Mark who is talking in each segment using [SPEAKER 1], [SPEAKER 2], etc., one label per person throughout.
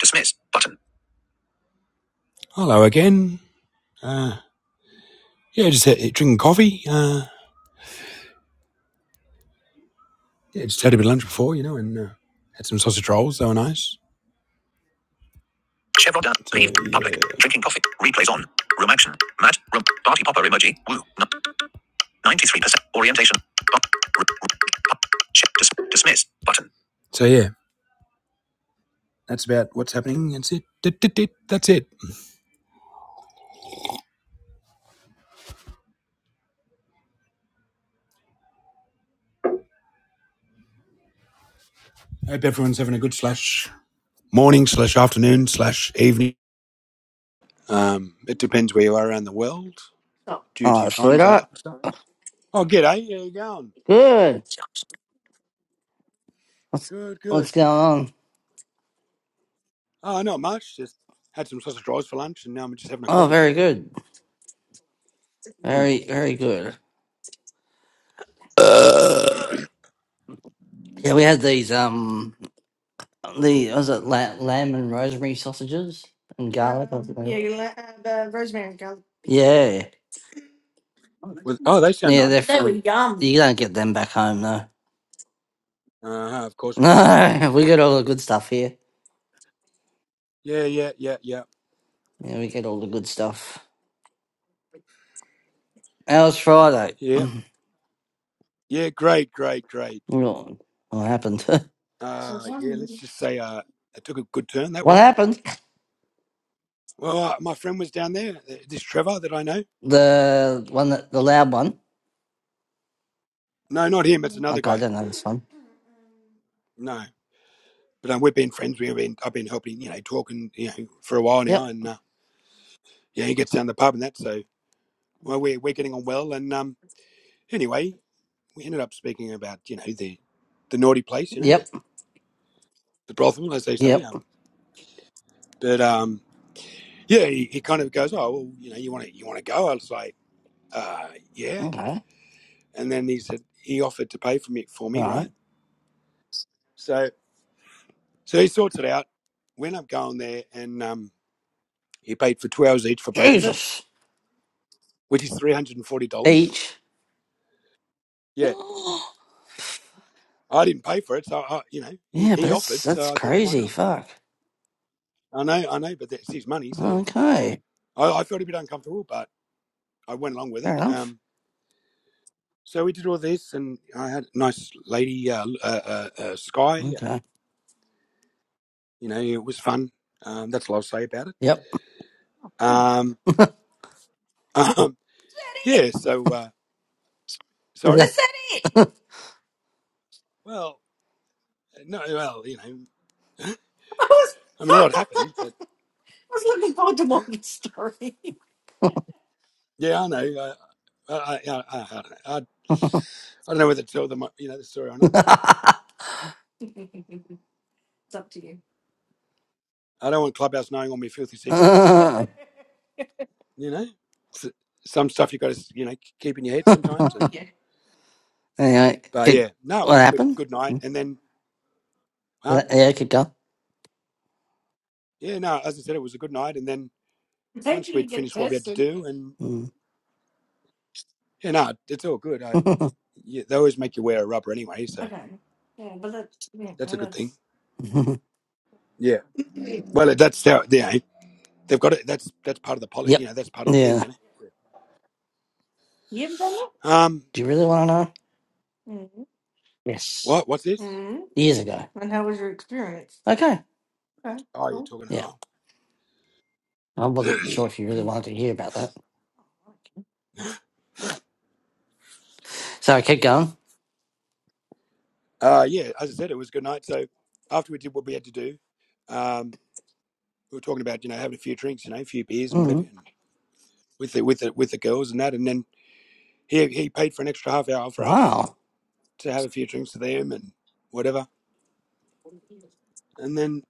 [SPEAKER 1] Dismiss button. Hello again. Uh, yeah, just had, drinking coffee. Uh, yeah, just had a bit of lunch before, you know, and uh, had some sausage rolls. They were nice. Chevron done. So Leave. Public. yeah, Drinking coffee. Replays on. Room action. Matt. Room. Party popper emoji. Woo. No. 93%. Orientation. dismiss button. so yeah, that's about what's happening. That's it. That's it. Hope everyone's having a good slash morning slash afternoon slash evening. Um, it depends where you are around the world. due to your
[SPEAKER 2] Oh, should
[SPEAKER 1] time
[SPEAKER 2] I?
[SPEAKER 1] zone.
[SPEAKER 2] not?
[SPEAKER 1] So, oh, g'day. How you going?
[SPEAKER 2] Good. What's
[SPEAKER 1] Good, good.
[SPEAKER 2] what's going on?
[SPEAKER 1] Oh, not much. Just had some sausage rolls for lunch, and now I'm just having a
[SPEAKER 2] Oh,
[SPEAKER 1] coffee.
[SPEAKER 2] very good.
[SPEAKER 1] Mm.
[SPEAKER 2] Very very good. Uh, yeah, we had these um the was it la- lamb and rosemary sausages and garlic. or something? Yeah, you la- uh, the rosemary and garlic. yeah,
[SPEAKER 1] With oh, they sound
[SPEAKER 2] yeah, they're
[SPEAKER 1] nice.
[SPEAKER 2] They were from. yum. You don't get them back home though.
[SPEAKER 1] Uh huh. Of course we don't.
[SPEAKER 2] No, we get all the good stuff here.
[SPEAKER 1] Yeah, yeah, yeah, yeah,
[SPEAKER 2] Yeah, we get all the good stuff. How was Friday?
[SPEAKER 1] yeah, yeah. Great, great, great.
[SPEAKER 2] What? what happened?
[SPEAKER 1] Uh, yeah. Let's just say uh, it took a good turn that
[SPEAKER 2] what
[SPEAKER 1] one.
[SPEAKER 2] happened?
[SPEAKER 1] Well, uh, my friend was down there. uh, This Trevor that I know.
[SPEAKER 2] The one that the loud one.
[SPEAKER 1] No, not him. It's another
[SPEAKER 2] Okay, I
[SPEAKER 1] guy.
[SPEAKER 2] don't know this one.
[SPEAKER 1] No, but um, we've been friends. We've been I've been helping you know talking you know for a while now,
[SPEAKER 2] Yep.
[SPEAKER 1] and uh, yeah, he gets down the pub and that. So well, we're we're getting on well, and um, anyway, we ended up speaking about you know the the naughty place, you know the,
[SPEAKER 2] Yep.
[SPEAKER 1] the brothel, as they say.
[SPEAKER 2] Yep.
[SPEAKER 1] Um, but um, yeah, he, he kind of goes, oh well, you know, you want to you want to go? I was like, uh, yeah.
[SPEAKER 2] Okay.
[SPEAKER 1] And then he said he offered to pay for me for me, right?
[SPEAKER 2] Right.
[SPEAKER 1] So so he sorts it out. We end up going there, and um, he paid for two hours each for both of us,
[SPEAKER 2] Jesus.
[SPEAKER 1] which is three hundred and forty dollars.
[SPEAKER 2] Each.
[SPEAKER 1] Yeah, I didn't pay for it, so I, you know he,
[SPEAKER 2] yeah, but
[SPEAKER 1] he
[SPEAKER 2] that's
[SPEAKER 1] offered,
[SPEAKER 2] that's
[SPEAKER 1] so I thought, why
[SPEAKER 2] crazy.
[SPEAKER 1] not?
[SPEAKER 2] Fuck.
[SPEAKER 1] I know, I know, but that's his money, so
[SPEAKER 2] Okay.
[SPEAKER 1] I, I felt a bit uncomfortable, but I went along with
[SPEAKER 2] Fair
[SPEAKER 1] it.
[SPEAKER 2] enough.
[SPEAKER 1] Um, so we did all this, and I had a nice lady, uh, uh, uh, uh, Sky. uh,
[SPEAKER 2] Okay.
[SPEAKER 1] You know, it was fun. Um, that's all I'll say about it.
[SPEAKER 2] Yep.
[SPEAKER 1] Um, um, yeah. So uh, sorry. Well, no. Well, you know, I mean, a lot happened, but yeah, I know. uh, I, I, I, I, I don't know. I, I don't know whether to tell them, uh, you know, the story or not, but I don't want Clubhouse knowing all my filthy secrets.
[SPEAKER 2] Uh,
[SPEAKER 1] You know, S some stuff you got to, you know, keep in your head sometimes. and.
[SPEAKER 2] anyway,
[SPEAKER 1] But
[SPEAKER 2] could,
[SPEAKER 1] yeah, no, it
[SPEAKER 2] what
[SPEAKER 1] was a good
[SPEAKER 2] happened?
[SPEAKER 1] good night.
[SPEAKER 2] Hmm?
[SPEAKER 1] And then, huh?
[SPEAKER 2] Well, yeah, keep going.
[SPEAKER 1] Yeah, no, as I said, it was a good night. And then once we'd finished what we had to do, and
[SPEAKER 2] Hmm.
[SPEAKER 1] yeah, no, it's all good. I, yeah, they always make you wear a rubber anyway, so that's a good thing. Yeah. Well, that's how yeah, they've got it. That's that's part of the poly.
[SPEAKER 2] yep.
[SPEAKER 1] You know, that's part of the thing.
[SPEAKER 2] Yeah.
[SPEAKER 1] You know. Um,
[SPEAKER 2] Do you really want to know? Yes.
[SPEAKER 1] what? What's this?
[SPEAKER 2] Years ago. Okay.
[SPEAKER 1] Oh, you're talking.
[SPEAKER 2] Yeah.
[SPEAKER 1] Oh,
[SPEAKER 2] I wasn't sure if you really wanted to hear about that. So I kept going.
[SPEAKER 1] uh, yeah. As I said, it was a good night. So after we did what we had to do, um, we were talking about you know having a few drinks, you know, a few beers and
[SPEAKER 2] Mm-hmm.
[SPEAKER 1] whatever, and with the with the with the girls and that, and then he he paid for an extra half hour for us
[SPEAKER 2] Wow.
[SPEAKER 1] to have a few drinks with him and whatever. And then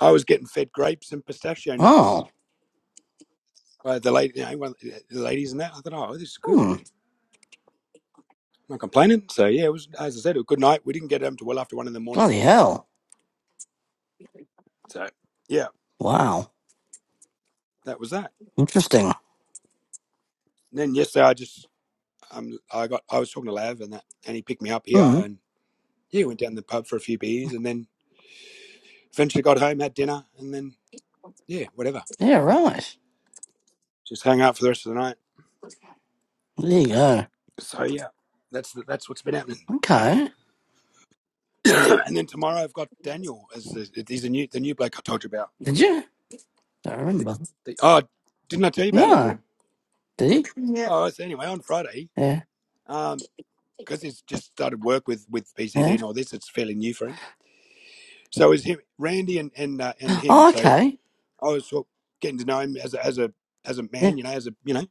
[SPEAKER 1] I was getting fed grapes and pistachio nuts
[SPEAKER 2] Oh.
[SPEAKER 1] by the lady, you know, one of the ladies and that. I thought, oh, this is good.
[SPEAKER 2] Hmm.
[SPEAKER 1] I'm not complaining. So yeah, it was as I said, it was a good night. We didn't get home till well after one in the morning.
[SPEAKER 2] Bloody hell.
[SPEAKER 1] So yeah,
[SPEAKER 2] Wow.
[SPEAKER 1] that was that.
[SPEAKER 2] Interesting.
[SPEAKER 1] And then yesterday, I just um, I got I was talking to Lav and that, and he picked me up here,
[SPEAKER 2] Hmm.
[SPEAKER 1] and yeah, went down the pub for a few beers, and then eventually got home, had dinner, and then yeah, whatever,
[SPEAKER 2] Yeah, right.
[SPEAKER 1] just hung out for the rest of the night.
[SPEAKER 2] There you go.
[SPEAKER 1] So yeah, that's that's what's been happening.
[SPEAKER 2] Okay.
[SPEAKER 1] and then tomorrow I've got Daniel. As the, he's the new the new bloke I told you about.
[SPEAKER 2] Did you? Don't remember.
[SPEAKER 1] The, oh, didn't I tell you about it?
[SPEAKER 2] No. Did he?
[SPEAKER 1] Oh, so anyway, on Friday,
[SPEAKER 2] Yeah.
[SPEAKER 1] um, because he's just started work with with PCD
[SPEAKER 2] Yeah.
[SPEAKER 1] and all this, it's fairly new for him. So it's him, Randy, and and uh, and him.
[SPEAKER 2] Oh,
[SPEAKER 1] So
[SPEAKER 2] okay.
[SPEAKER 1] I was sort of getting to know him as a as a as a
[SPEAKER 2] Yeah.
[SPEAKER 1] man, you know, as a you know,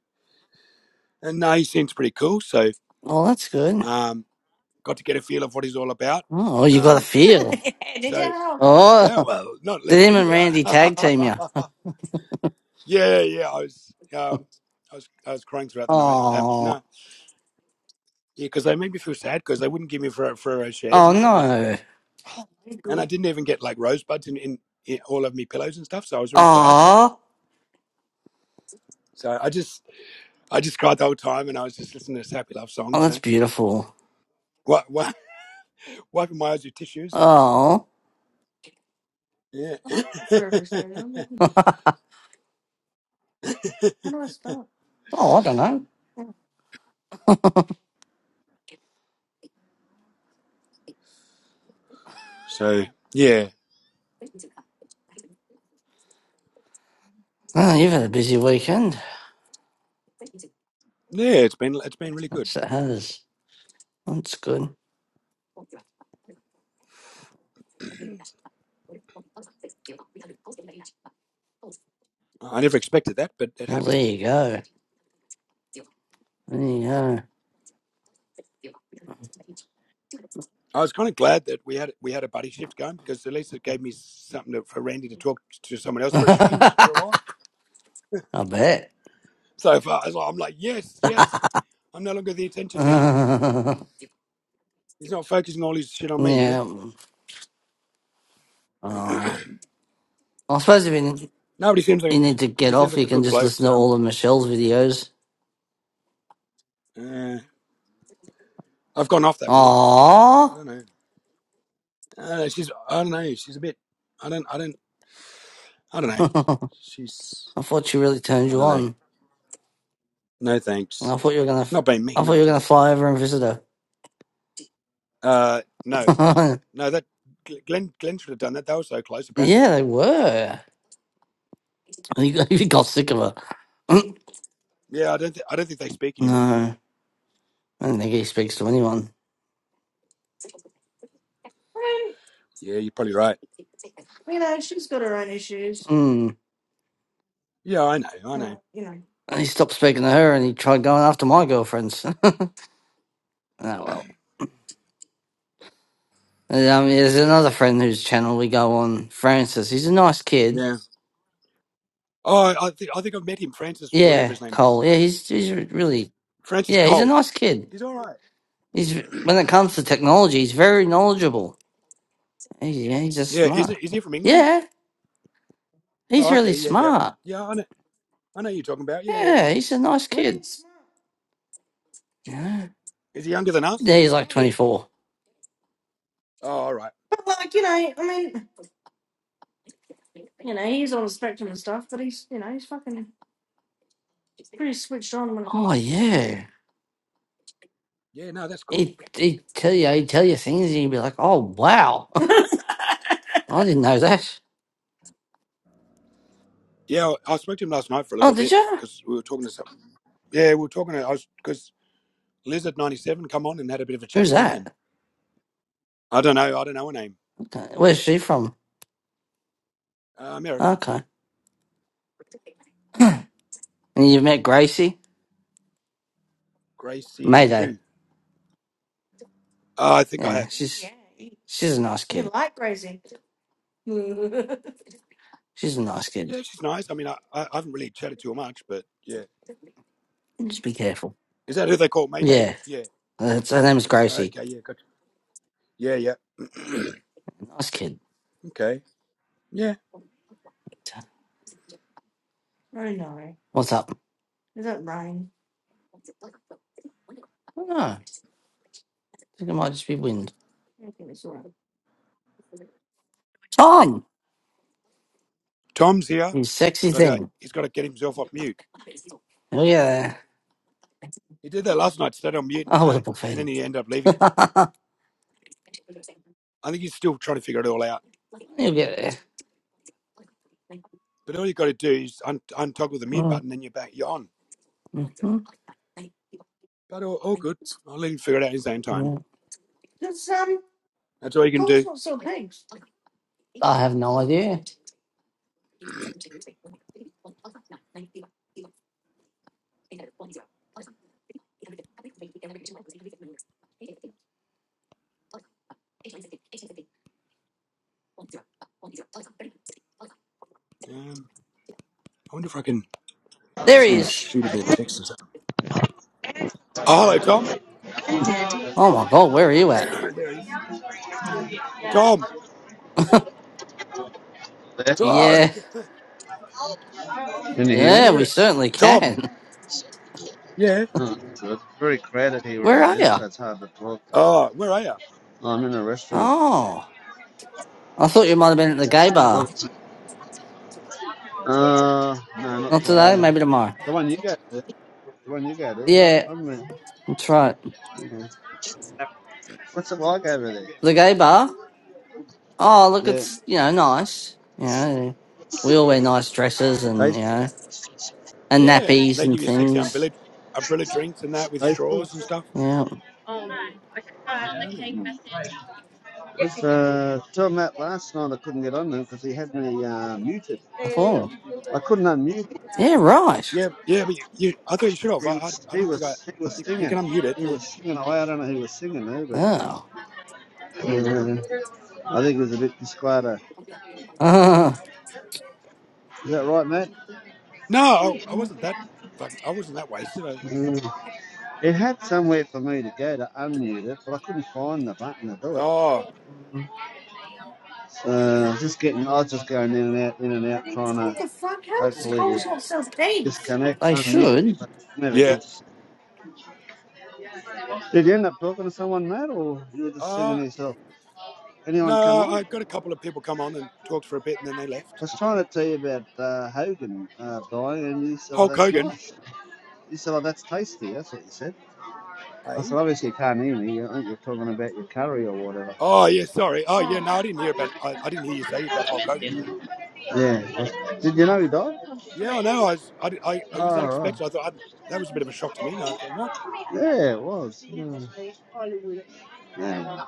[SPEAKER 1] and uh, he seems pretty cool. So
[SPEAKER 2] Oh, that's good.
[SPEAKER 1] um, got to get a feel of what he's all about.
[SPEAKER 2] Oh, you got a
[SPEAKER 1] Um,
[SPEAKER 2] feel.
[SPEAKER 1] so yeah,
[SPEAKER 2] Oh,
[SPEAKER 1] well, not
[SPEAKER 2] did him
[SPEAKER 1] literally,
[SPEAKER 2] and
[SPEAKER 1] but
[SPEAKER 2] Randy tag team you?
[SPEAKER 1] I Yeah, yeah. yeah, I was, uh, I was, I was crying throughout the night. Um, no,
[SPEAKER 2] Oh,
[SPEAKER 1] yeah, because they made me feel sad because they wouldn't give me Ferrero, Ferrero shares
[SPEAKER 2] oh
[SPEAKER 1] and that. Like,
[SPEAKER 2] no.
[SPEAKER 1] and I didn't even get like rosebuds in, in, in all of me pillows and stuff. So I was really sad. Like,
[SPEAKER 2] Oh,
[SPEAKER 1] so I just, I just cried the whole time, and I was just listening to happy love
[SPEAKER 2] oh,
[SPEAKER 1] songs. You
[SPEAKER 2] that's
[SPEAKER 1] know,
[SPEAKER 2] beautiful.
[SPEAKER 1] what, what, wiping my eyes with tissues, and
[SPEAKER 2] Oh,
[SPEAKER 1] yeah.
[SPEAKER 2] oh, I don't know.
[SPEAKER 1] so yeah,
[SPEAKER 2] Oh, you've had a busy weekend.
[SPEAKER 1] yeah. It's been, it's been really good.
[SPEAKER 2] Yes, it has. Well, That's good.
[SPEAKER 1] I never expected that, but it
[SPEAKER 2] Well, there
[SPEAKER 1] happened.
[SPEAKER 2] you go. There you go.
[SPEAKER 1] I was kind of glad that we had we had a buddy shift going because at least it gave me something to, for Randy to talk to someone else for a change for a while.
[SPEAKER 2] I bet.
[SPEAKER 1] So far, I'm like, yes, yes, I'm no longer the attention now. He's not focusing all his shit on me, you know.
[SPEAKER 2] yeah. Oh. I suppose if you need,
[SPEAKER 1] Nobody seems
[SPEAKER 2] you
[SPEAKER 1] like
[SPEAKER 2] need to get
[SPEAKER 1] he seems
[SPEAKER 2] off,
[SPEAKER 1] like
[SPEAKER 2] you
[SPEAKER 1] a
[SPEAKER 2] can
[SPEAKER 1] good
[SPEAKER 2] just
[SPEAKER 1] bloke.
[SPEAKER 2] listen to
[SPEAKER 1] So
[SPEAKER 2] all of Michelle's videos.
[SPEAKER 1] uh, I've gone off that woman. I, I
[SPEAKER 2] Aww.
[SPEAKER 1] don't know. Uh, she's I don't know. She's a bit. I don't. I don't. I don't know.
[SPEAKER 2] I
[SPEAKER 1] She's.
[SPEAKER 2] thought she really turned
[SPEAKER 1] I
[SPEAKER 2] you
[SPEAKER 1] don't know.
[SPEAKER 2] on.
[SPEAKER 1] No thanks.
[SPEAKER 2] I thought you were gonna.
[SPEAKER 1] Not being
[SPEAKER 2] I
[SPEAKER 1] mean.
[SPEAKER 2] thought
[SPEAKER 1] I'm
[SPEAKER 2] you were gonna
[SPEAKER 1] just.
[SPEAKER 2] fly over and visit her.
[SPEAKER 1] Uh, no. No, that Glenn Glenn should have done that. They were so close, apparently.
[SPEAKER 2] yeah, they were. You got, you got sick of her.
[SPEAKER 1] Yeah, I don't th- I don't think they speak anymore. But
[SPEAKER 2] no, I don't think he speaks to anyone.
[SPEAKER 1] yeah, you're probably right. Yeah, I know, I know.
[SPEAKER 2] And he stopped speaking to her and he tried going after my girlfriends. oh, well. And, um, there's another friend whose channel we go on, Francis. He's a nice kid.
[SPEAKER 1] Yeah. Oh, I think I think I've met him, Francis, whatever
[SPEAKER 2] Yeah,
[SPEAKER 1] his name
[SPEAKER 2] Cole.
[SPEAKER 1] is,
[SPEAKER 2] Yeah, he's he's re- really
[SPEAKER 1] Francis
[SPEAKER 2] yeah, he's a
[SPEAKER 1] Cole.
[SPEAKER 2] nice kid.
[SPEAKER 1] He's all right.
[SPEAKER 2] He's when it comes to technology, he's very knowledgeable. He's, yeah, he's just
[SPEAKER 1] Yeah, is
[SPEAKER 2] smart.
[SPEAKER 1] it? Is he from England?
[SPEAKER 2] Yeah, he's
[SPEAKER 1] Oh,
[SPEAKER 2] really
[SPEAKER 1] okay. Yeah, yeah,
[SPEAKER 2] smart.
[SPEAKER 1] yeah. I know. I know who you're talking about. Yeah, yeah.
[SPEAKER 2] Yeah, he's a nice kid. Yeah,
[SPEAKER 1] Is he younger than
[SPEAKER 2] yeah
[SPEAKER 1] us?
[SPEAKER 2] he's like twenty four.
[SPEAKER 1] Oh, all right.
[SPEAKER 2] Oh yeah,
[SPEAKER 1] Yeah, no, that's cool.
[SPEAKER 2] he he tell you he tell you things and you'd be like, oh wow, I didn't know that.
[SPEAKER 1] Yeah, I I spoke to him last night for a
[SPEAKER 2] Oh,
[SPEAKER 1] little
[SPEAKER 2] did
[SPEAKER 1] bit
[SPEAKER 2] you?
[SPEAKER 1] because we were talking to some. Yeah, we were talking to. I was because Lizard ninety seven come on and had a bit of a chat
[SPEAKER 2] Who's
[SPEAKER 1] with me, and
[SPEAKER 2] that?
[SPEAKER 1] I don't know. I don't know her name.
[SPEAKER 2] Okay. Where's she from?
[SPEAKER 1] Uh, America.
[SPEAKER 2] Okay. And you met Gracie?
[SPEAKER 1] Gracie
[SPEAKER 2] Mayday.
[SPEAKER 1] who? Uh, I think I
[SPEAKER 2] Yeah,
[SPEAKER 1] have.
[SPEAKER 2] she's Yeah. You she's a nice you kid. Like Gracie, She's a nice kid.
[SPEAKER 1] Yeah, she's nice. I mean, I, I, I haven't really chatted to her much, but yeah.
[SPEAKER 2] Just be careful.
[SPEAKER 1] Is that who they call Mayday?
[SPEAKER 2] Yeah,
[SPEAKER 1] Yeah.
[SPEAKER 2] that's, her name's Gracie.
[SPEAKER 1] Okay, yeah, gotcha. Yeah, yeah.
[SPEAKER 2] Nice kid.
[SPEAKER 1] okay. Yeah.
[SPEAKER 2] What's up? I don't know. I think it might just be wind. Tom!
[SPEAKER 1] Tom's here,
[SPEAKER 2] You sexy
[SPEAKER 1] but uh,
[SPEAKER 2] thing.
[SPEAKER 1] he's got to get himself off mute.
[SPEAKER 2] Oh, yeah.
[SPEAKER 1] He did that last night, stayed on mute, and,
[SPEAKER 2] Oh, with a
[SPEAKER 1] uh, and
[SPEAKER 2] buffet.
[SPEAKER 1] then he ended up leaving. I think he's still trying to figure it all out.
[SPEAKER 2] You'll get there.
[SPEAKER 1] But all you got to do is un- untoggle the mute
[SPEAKER 2] Mm,
[SPEAKER 1] button, and you're back. You're on.
[SPEAKER 2] mhm,
[SPEAKER 1] But all, all good. I'll let him figure it out his own time.
[SPEAKER 2] mm.
[SPEAKER 1] That's all you can do.
[SPEAKER 2] I have no idea.
[SPEAKER 1] Um, I wonder if I can
[SPEAKER 2] There
[SPEAKER 1] send
[SPEAKER 2] he
[SPEAKER 1] him a
[SPEAKER 2] is.
[SPEAKER 1] shoot a bit of text or something. Oh, hello, Tom.
[SPEAKER 2] Oh my god, where are you at?
[SPEAKER 1] Oh, there he is. Tom.
[SPEAKER 3] That's,
[SPEAKER 1] Tom.
[SPEAKER 2] Yeah,
[SPEAKER 3] Can you
[SPEAKER 1] You
[SPEAKER 3] hear
[SPEAKER 1] can't
[SPEAKER 3] me?
[SPEAKER 2] yeah,
[SPEAKER 1] hear
[SPEAKER 2] we
[SPEAKER 1] us.
[SPEAKER 2] certainly
[SPEAKER 1] Tom.
[SPEAKER 2] can.
[SPEAKER 1] Yeah.
[SPEAKER 3] uh, it's very crowded here where
[SPEAKER 2] Where
[SPEAKER 3] I
[SPEAKER 2] are
[SPEAKER 3] am,
[SPEAKER 2] you?
[SPEAKER 3] so it's hard to talk.
[SPEAKER 1] Oh, where are you?
[SPEAKER 3] Oh, I'm in a restaurant.
[SPEAKER 2] Oh, I thought you might have been at the
[SPEAKER 1] Okay.
[SPEAKER 2] gay bar.
[SPEAKER 3] Look, uh, no, not
[SPEAKER 2] Not today,
[SPEAKER 3] today.
[SPEAKER 2] maybe tomorrow.
[SPEAKER 3] The one you go to. The one you go to,
[SPEAKER 2] Yeah,
[SPEAKER 3] I, I'm in.
[SPEAKER 2] that's right.
[SPEAKER 3] okay. What's it like over
[SPEAKER 2] The gay bar? Oh, look,
[SPEAKER 3] there?
[SPEAKER 2] it's, you know, nice. You know, we all wear nice
[SPEAKER 3] Yeah.
[SPEAKER 2] dresses and, you
[SPEAKER 3] Taste,
[SPEAKER 2] know, and
[SPEAKER 1] Yeah.
[SPEAKER 2] nappies
[SPEAKER 1] They
[SPEAKER 2] and
[SPEAKER 1] give you sexy
[SPEAKER 2] things.
[SPEAKER 1] umbrella, umbrella drinks and that with
[SPEAKER 3] tasteful?
[SPEAKER 1] straws and stuff.
[SPEAKER 2] Yeah,
[SPEAKER 1] Don't they?
[SPEAKER 3] Just, uh, told Matt last night I couldn't get on there because he had me uh, muted.
[SPEAKER 2] I thought.
[SPEAKER 3] I couldn't unmute. him.
[SPEAKER 2] Yeah, right.
[SPEAKER 1] Yeah. Yeah. But you, you I thought you should have. I,
[SPEAKER 3] He
[SPEAKER 1] I,
[SPEAKER 3] was,
[SPEAKER 1] I
[SPEAKER 3] he
[SPEAKER 1] didn't think I.
[SPEAKER 3] was, he was
[SPEAKER 1] You, you can
[SPEAKER 3] singing.
[SPEAKER 1] unmute it.
[SPEAKER 3] He
[SPEAKER 1] Yeah.
[SPEAKER 3] was singing away. I don't know who was singing there, but.
[SPEAKER 2] Oh.
[SPEAKER 3] Mhm. I think it was a bit disclaimer.
[SPEAKER 2] Uh,
[SPEAKER 3] Is that right, Matt?
[SPEAKER 1] No, I, I wasn't that. Fuck, I wasn't that wasted. I,
[SPEAKER 3] Mm. It had somewhere for me to go to unmute it, but I couldn't find the button to do it.
[SPEAKER 1] oh.
[SPEAKER 3] Uh, I was just getting, I was just going in and out, in and out, trying to hopefully to disconnect,
[SPEAKER 2] they
[SPEAKER 3] unmute,
[SPEAKER 2] should.
[SPEAKER 3] but never
[SPEAKER 1] Yeah.
[SPEAKER 3] did. Did you end up talking to someone, Matt, or you were just singing
[SPEAKER 1] Uh,
[SPEAKER 3] to yourself? Anyone come
[SPEAKER 1] no, I
[SPEAKER 3] on?
[SPEAKER 1] got a couple of people come on and talked for a bit and then they
[SPEAKER 3] I
[SPEAKER 1] left.
[SPEAKER 3] was trying to tell you about uh, Hogan uh, dying, and you said, "Oh,
[SPEAKER 1] Hulk
[SPEAKER 3] that's
[SPEAKER 1] Hogan.
[SPEAKER 3] nice." You said, "Oh, that's tasty." That's what you said. I
[SPEAKER 1] Hey.
[SPEAKER 3] said, obviously you can't hear me. I think you're talking about your curry or whatever.
[SPEAKER 1] Oh yeah, sorry. Oh yeah, no, I didn't hear about. I, I didn't hear you say about Hulk Hogan. Yeah.
[SPEAKER 3] Yeah. that's- Did you know he died?
[SPEAKER 1] Yeah, no, I, was, I, I, I was
[SPEAKER 3] Oh, right.
[SPEAKER 1] unexpected. I thought I, that was a bit of a shock to me. I thought, what?
[SPEAKER 3] Yeah, it was. Yeah. Yeah.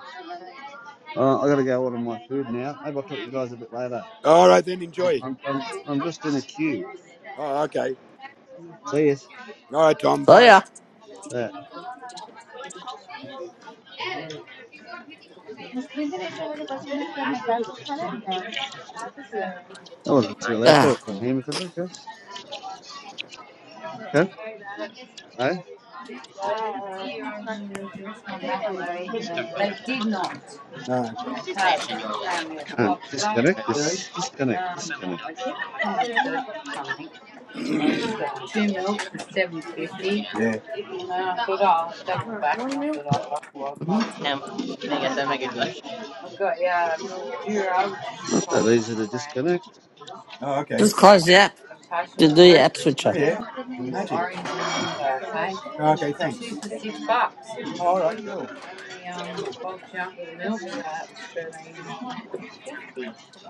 [SPEAKER 3] Uh, I gotta go order my food now. Maybe I'll talk to you guys a bit later.
[SPEAKER 1] All right, then
[SPEAKER 3] I'm,
[SPEAKER 1] enjoy.
[SPEAKER 3] I'm, I'm, just in a queue.
[SPEAKER 1] Oh, okay.
[SPEAKER 3] See you.
[SPEAKER 1] All right, Tom.
[SPEAKER 2] So,
[SPEAKER 1] Bye.
[SPEAKER 2] yeah.
[SPEAKER 3] Yeah. That wasn't too loud, but I
[SPEAKER 2] Ah.
[SPEAKER 3] couldn't hear me, could they, Jess? Okay. Eh?
[SPEAKER 1] Oh, okay.
[SPEAKER 3] Come disconnect
[SPEAKER 1] Really?
[SPEAKER 3] this. Disconnect, disconnect.
[SPEAKER 1] Yeah.
[SPEAKER 2] mhm.
[SPEAKER 3] Damn, can I get them a good one? Not that easy to disconnect.
[SPEAKER 1] Oh, okay.
[SPEAKER 2] Just close the app. Did the app
[SPEAKER 1] Oh,
[SPEAKER 2] switcher?
[SPEAKER 1] yeah. Oh, okay. Thanks. Oh, all right. Cool.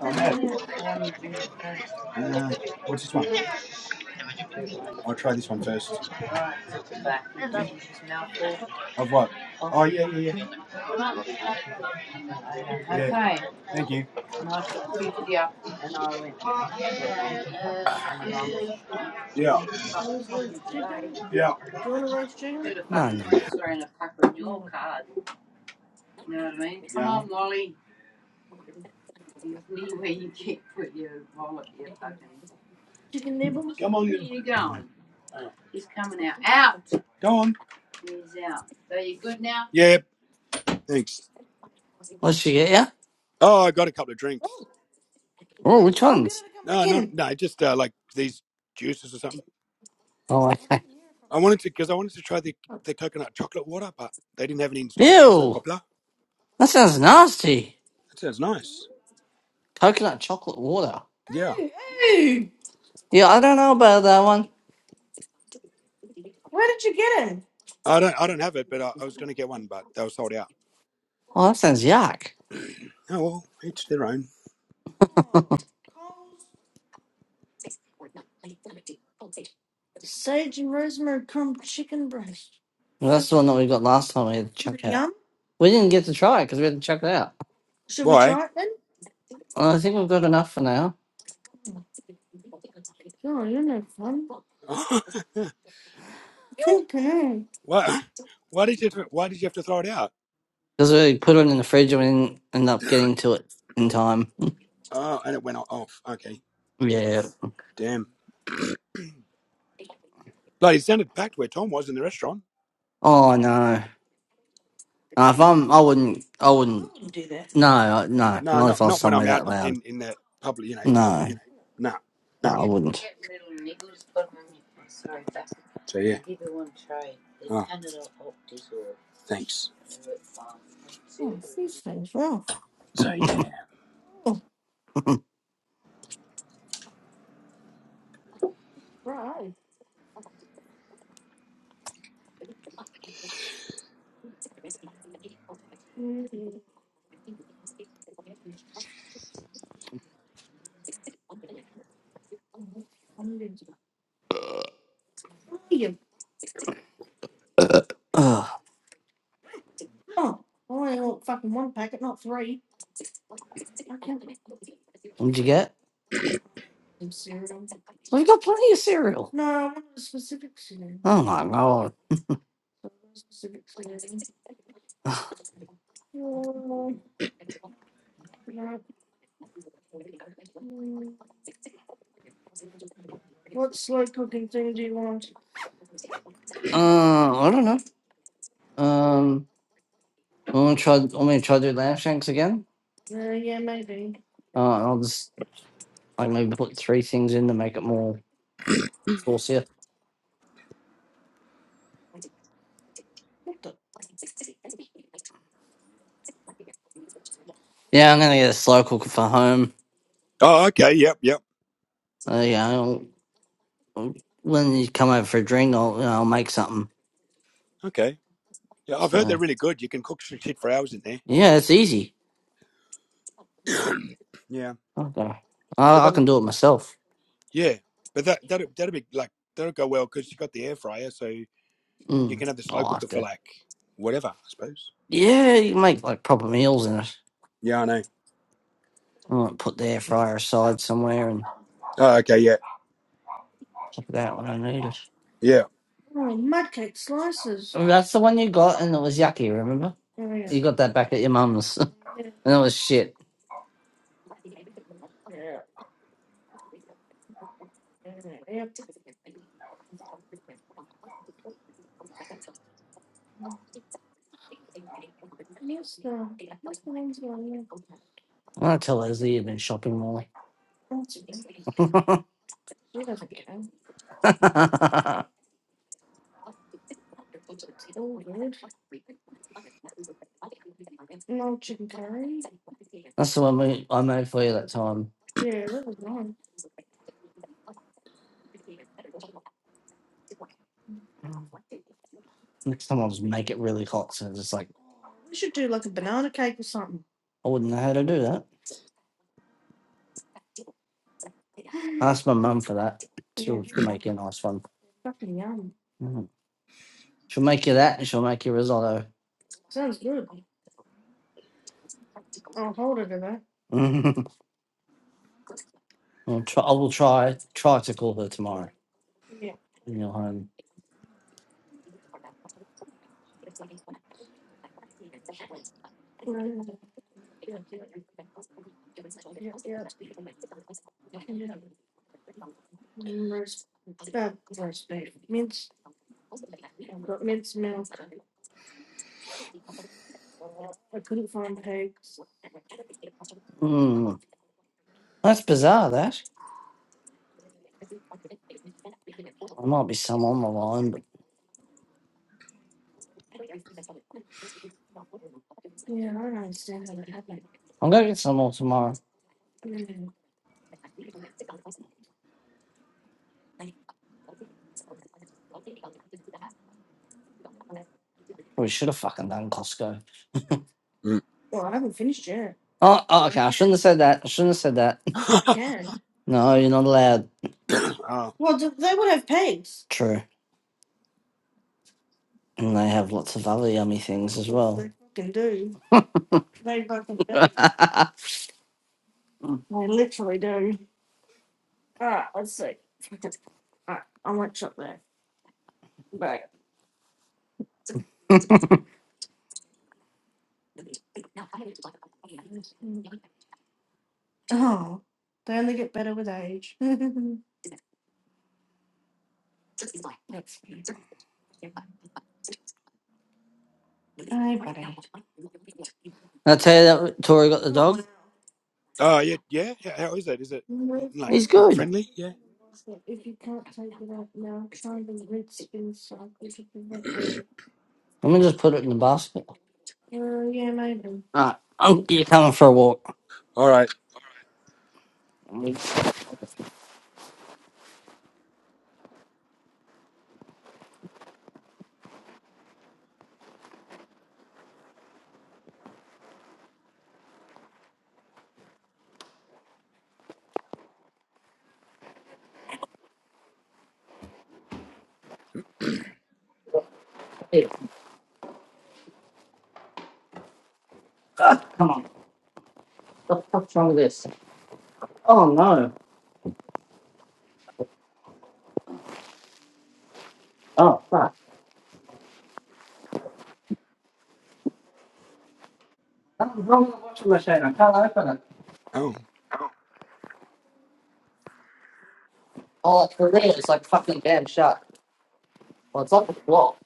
[SPEAKER 1] Oh, mad. Uh, what's this one? I'll try this one first. Of what? Yeah, yeah, yeah. Thank you. Yeah. Yeah.
[SPEAKER 2] No, no, no.
[SPEAKER 1] Go on. Yeah. Thanks.
[SPEAKER 2] Was she get yeah?
[SPEAKER 1] Oh, I got a couple of drinks.
[SPEAKER 2] Oh, which ones?
[SPEAKER 1] No, no, no. Just uh, like these juices or something.
[SPEAKER 2] Oh, okay.
[SPEAKER 1] I wanted to because I wanted to try the the coconut chocolate water, but they didn't have any in stock because they're so
[SPEAKER 2] Ew,
[SPEAKER 1] popular.
[SPEAKER 2] that sounds nasty.
[SPEAKER 1] That sounds nice.
[SPEAKER 2] Coconut chocolate water.
[SPEAKER 1] Yeah.
[SPEAKER 2] Yeah, I don't know about that one.
[SPEAKER 1] I don't I don't have it, but I, I was going to get one, but they were sold out.
[SPEAKER 2] Oh, that sounds yuck.
[SPEAKER 1] Oh well, each their own.
[SPEAKER 2] Well, that's the one that we got last time. We had to Is chuck out. We didn't get to try it because we had to chuck it out.
[SPEAKER 1] Why?
[SPEAKER 2] Well, I think we've got enough for now
[SPEAKER 1] why? Why did you Why did you have to throw it out?
[SPEAKER 2] because we put it in the fridge and we didn't end up getting to it in time.
[SPEAKER 1] Oh, and it went off. Okay,
[SPEAKER 2] Yeah.
[SPEAKER 1] damn. Like it sounded packed where Tom was in the restaurant.
[SPEAKER 2] Oh no. Uh, if
[SPEAKER 1] Wow.
[SPEAKER 2] I'm, I wouldn't. I wouldn't. I No, I- no,
[SPEAKER 1] No,
[SPEAKER 2] not if
[SPEAKER 1] not
[SPEAKER 2] I was
[SPEAKER 1] not when I'm
[SPEAKER 2] somewhere that
[SPEAKER 1] out uh,
[SPEAKER 2] loud.
[SPEAKER 1] in in the public. You know,
[SPEAKER 2] No,
[SPEAKER 1] no. Nah.
[SPEAKER 2] no, I wouldn't.
[SPEAKER 1] So yeah, thanks.
[SPEAKER 2] Ugh. What'd you get? We've got plenty of cereal. No, I want a specific cereal. Oh my god. Uh, I don't know. Um, I want to try. I want me to try to do lamb shanks again. Uh, I'll just like maybe put three things in to make it more saucier. Yeah, I'm gonna get a slow cooker for home.
[SPEAKER 1] Oh, okay. Yep, yep.
[SPEAKER 2] So yeah, I'll, I'll- when you come over for a drink, I'll you know, I'll make something.
[SPEAKER 1] Okay. Yeah, I've heard
[SPEAKER 2] So
[SPEAKER 1] they're really good. You can cook shit for hours in there.
[SPEAKER 2] yeah, it's easy.
[SPEAKER 1] Yeah.
[SPEAKER 2] Okay,
[SPEAKER 1] So
[SPEAKER 2] I, I
[SPEAKER 1] that.
[SPEAKER 2] can do it myself.
[SPEAKER 1] Yeah, but that that that'll that'll be like that'll go well because you got the air fryer, so you
[SPEAKER 2] Mm,
[SPEAKER 1] can have this
[SPEAKER 2] I'll
[SPEAKER 1] local
[SPEAKER 2] have
[SPEAKER 1] good for
[SPEAKER 2] to.
[SPEAKER 1] like whatever, I suppose.
[SPEAKER 2] Yeah, you can make like proper meals in it.
[SPEAKER 1] Yeah, I know.
[SPEAKER 2] I might put the air fryer aside somewhere and
[SPEAKER 1] Oh, okay, yeah,
[SPEAKER 2] pop it out when I need it.
[SPEAKER 1] yeah.
[SPEAKER 2] Oh, That's the one you got, and it was yucky. Remember, you got that back at your mum's, and it was shit. I tell Leslie you've been shopping, Molly. That's the one we, I made for you that time. Next time I'll just make it really hot, so it's like I wouldn't know how to do that. Ask my mum for that. She'll, she'll make you a nice one. She'll make you that, and she'll make you risotto. I'll try, I will try try to call her tomorrow when you're home. Mm, that's bizarre. That there might be some on the line, but I'm gonna get some more tomorrow. Probably should have fucking done Costco.
[SPEAKER 1] Mm.
[SPEAKER 2] Oh, oh, okay. I shouldn't have said that. I shouldn't have said that. No, you're not allowed.
[SPEAKER 1] oh,
[SPEAKER 2] True. And they have lots of other yummy things as well. I tell you that Tori got the dog.
[SPEAKER 1] oh, yeah, yeah. How how is it? Is it mm, like
[SPEAKER 2] He's good.
[SPEAKER 1] friendly? Yeah.
[SPEAKER 2] Let me just put it in the basket. Alright, i you're coming for a walk.
[SPEAKER 1] All right.
[SPEAKER 2] Hey, ah, come on. What the fuck's wrong with this? Oh no. Oh fuck. Something's wrong with the washing machine. I can't open it.
[SPEAKER 1] Oh,
[SPEAKER 2] Oh, it's for there. It's like fucking damn shut. Well, it's locked. It's locked.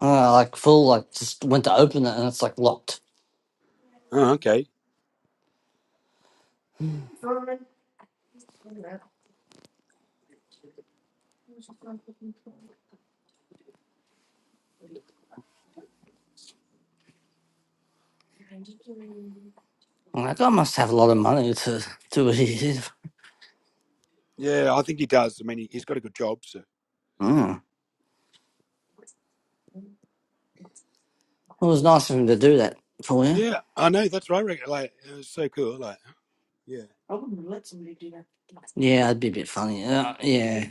[SPEAKER 2] Uh, like full. Like just went to open it and it's like locked.
[SPEAKER 1] oh okay.
[SPEAKER 2] I'm like, I must have a lot of money to do what he did.
[SPEAKER 1] Yeah, I think he does. I mean, he, he's got a good job, so.
[SPEAKER 2] Mm. It was nice of him to do that for you.
[SPEAKER 1] Yeah, I know. That's right. Rick. Like, it was so cool. Like, yeah.
[SPEAKER 2] Yeah, that'd be a bit funny. Uh, yeah,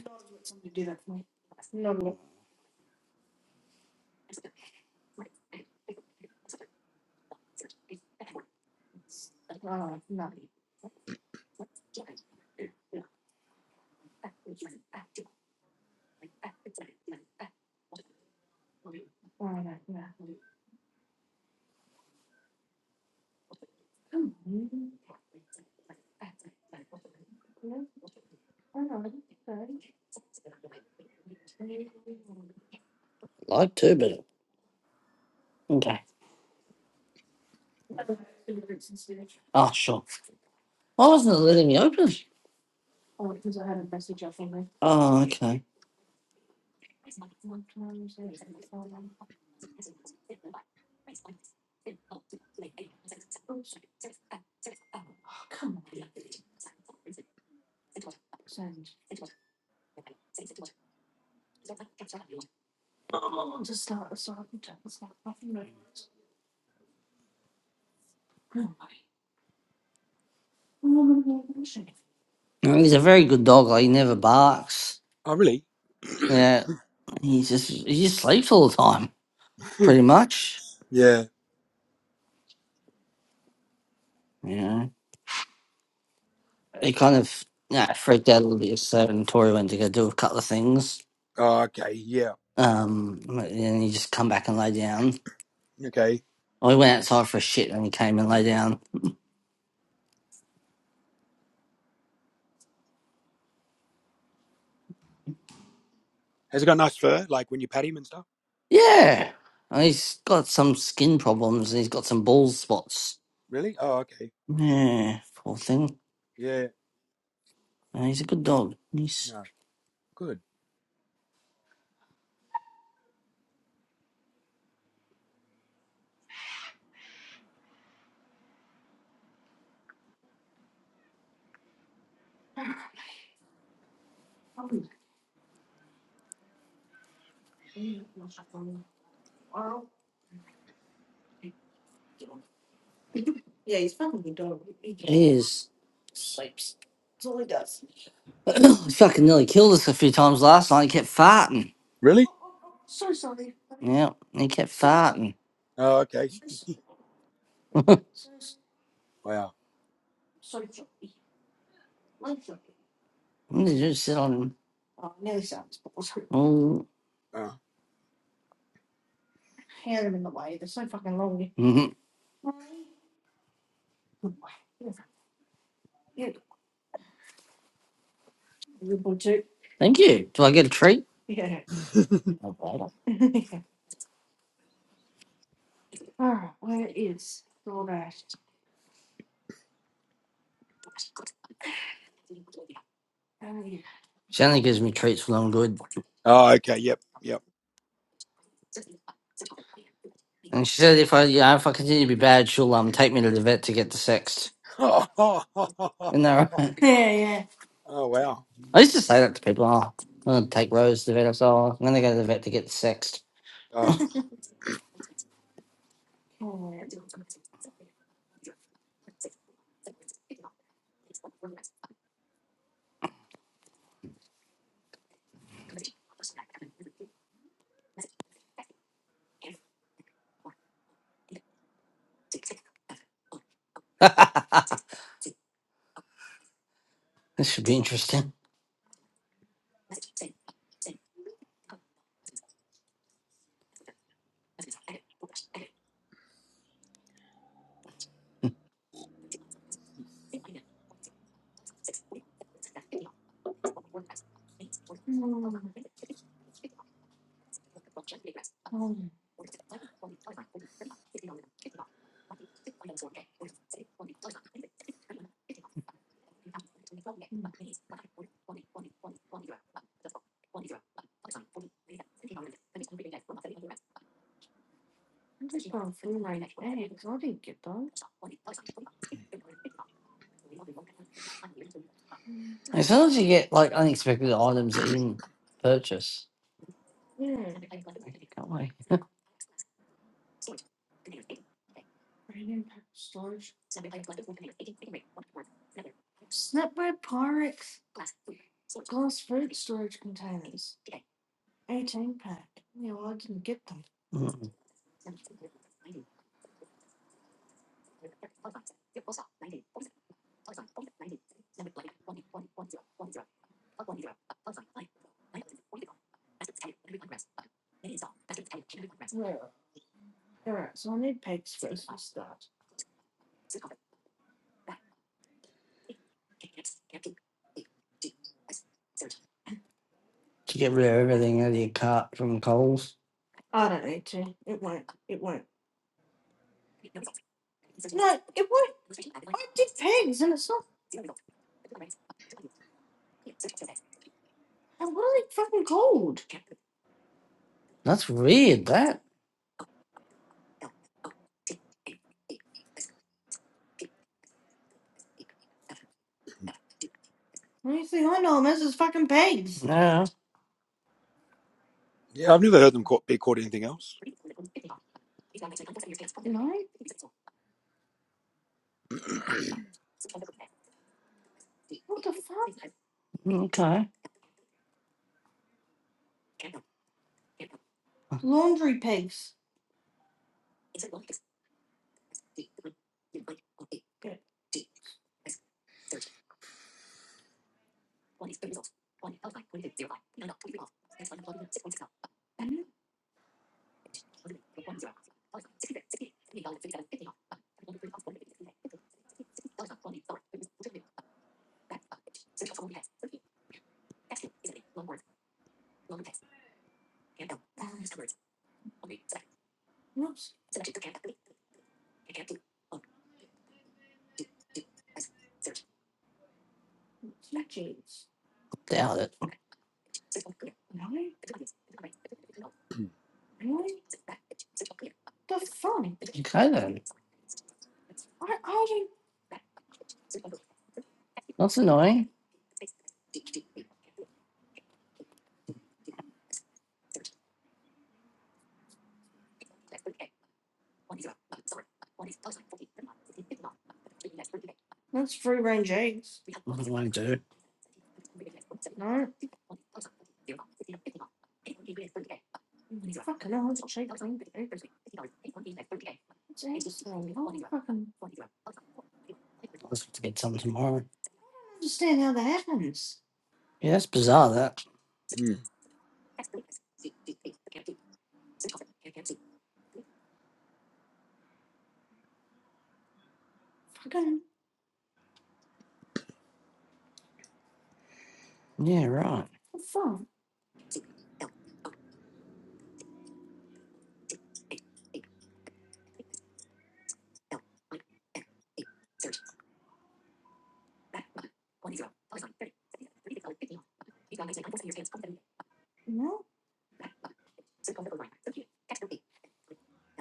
[SPEAKER 2] like to, but okay. Oh, sure. Why wasn't it letting me open? Oh, okay. Mm, He's a very good dog. Like, he never barks.
[SPEAKER 1] Oh, really?
[SPEAKER 2] Yeah, he just he just sleeps all the time, pretty much.
[SPEAKER 1] yeah.
[SPEAKER 2] Yeah, he kind of yeah freaked out a little bit. So and Tori went to go do a couple of things.
[SPEAKER 1] Oh, okay. Yeah.
[SPEAKER 2] Um, and he just come back and lay down.
[SPEAKER 1] Okay.
[SPEAKER 2] I went outside for a shit, and he came and lay down.
[SPEAKER 1] Has he got nice fur? Like when you pat him and stuff?
[SPEAKER 2] Yeah, and he's got some skin problems, and he's got some ball spots.
[SPEAKER 1] Really? Oh, okay.
[SPEAKER 2] Yeah, poor thing.
[SPEAKER 1] Yeah.
[SPEAKER 2] And he's a good dog. He's
[SPEAKER 1] Yeah. Good.
[SPEAKER 2] He is. he fucking nearly killed us a few times last night. He kept farting.
[SPEAKER 1] Really?
[SPEAKER 2] Yeah, he kept farting.
[SPEAKER 1] Oh, okay. Wow.
[SPEAKER 2] What did you sit on him? Oh,
[SPEAKER 1] Oh.
[SPEAKER 2] mhm. thank you. Do I get a treat? No bother. She only gives me treats when I'm good.
[SPEAKER 1] Oh, okay. Yep. Yep.
[SPEAKER 2] And she said if I, you know, if I continue to be bad, she'll um take me to the vet to get the sexed. Isn't that right?
[SPEAKER 1] Oh, wow.
[SPEAKER 2] I used to say that to people. Oh, I'm gonna take Rose to the vet. I said, oh, I'm gonna go to the vet to get the sexed.
[SPEAKER 1] Oh,
[SPEAKER 2] this should be interesting. As soon as you get like unexpected items that you didn't purchase, can't we? Mm. to get rid of everything out of your cart from Coles. That's weird. That. Yeah.
[SPEAKER 1] yeah. I've never heard them caught, be caught anything else.
[SPEAKER 2] Okay. I doubt it. Okay then. That's annoying. What do I do? I'll just have to get some tomorrow. Yeah, that's bizarre. That.
[SPEAKER 1] Hmm.
[SPEAKER 2] Yeah. Right.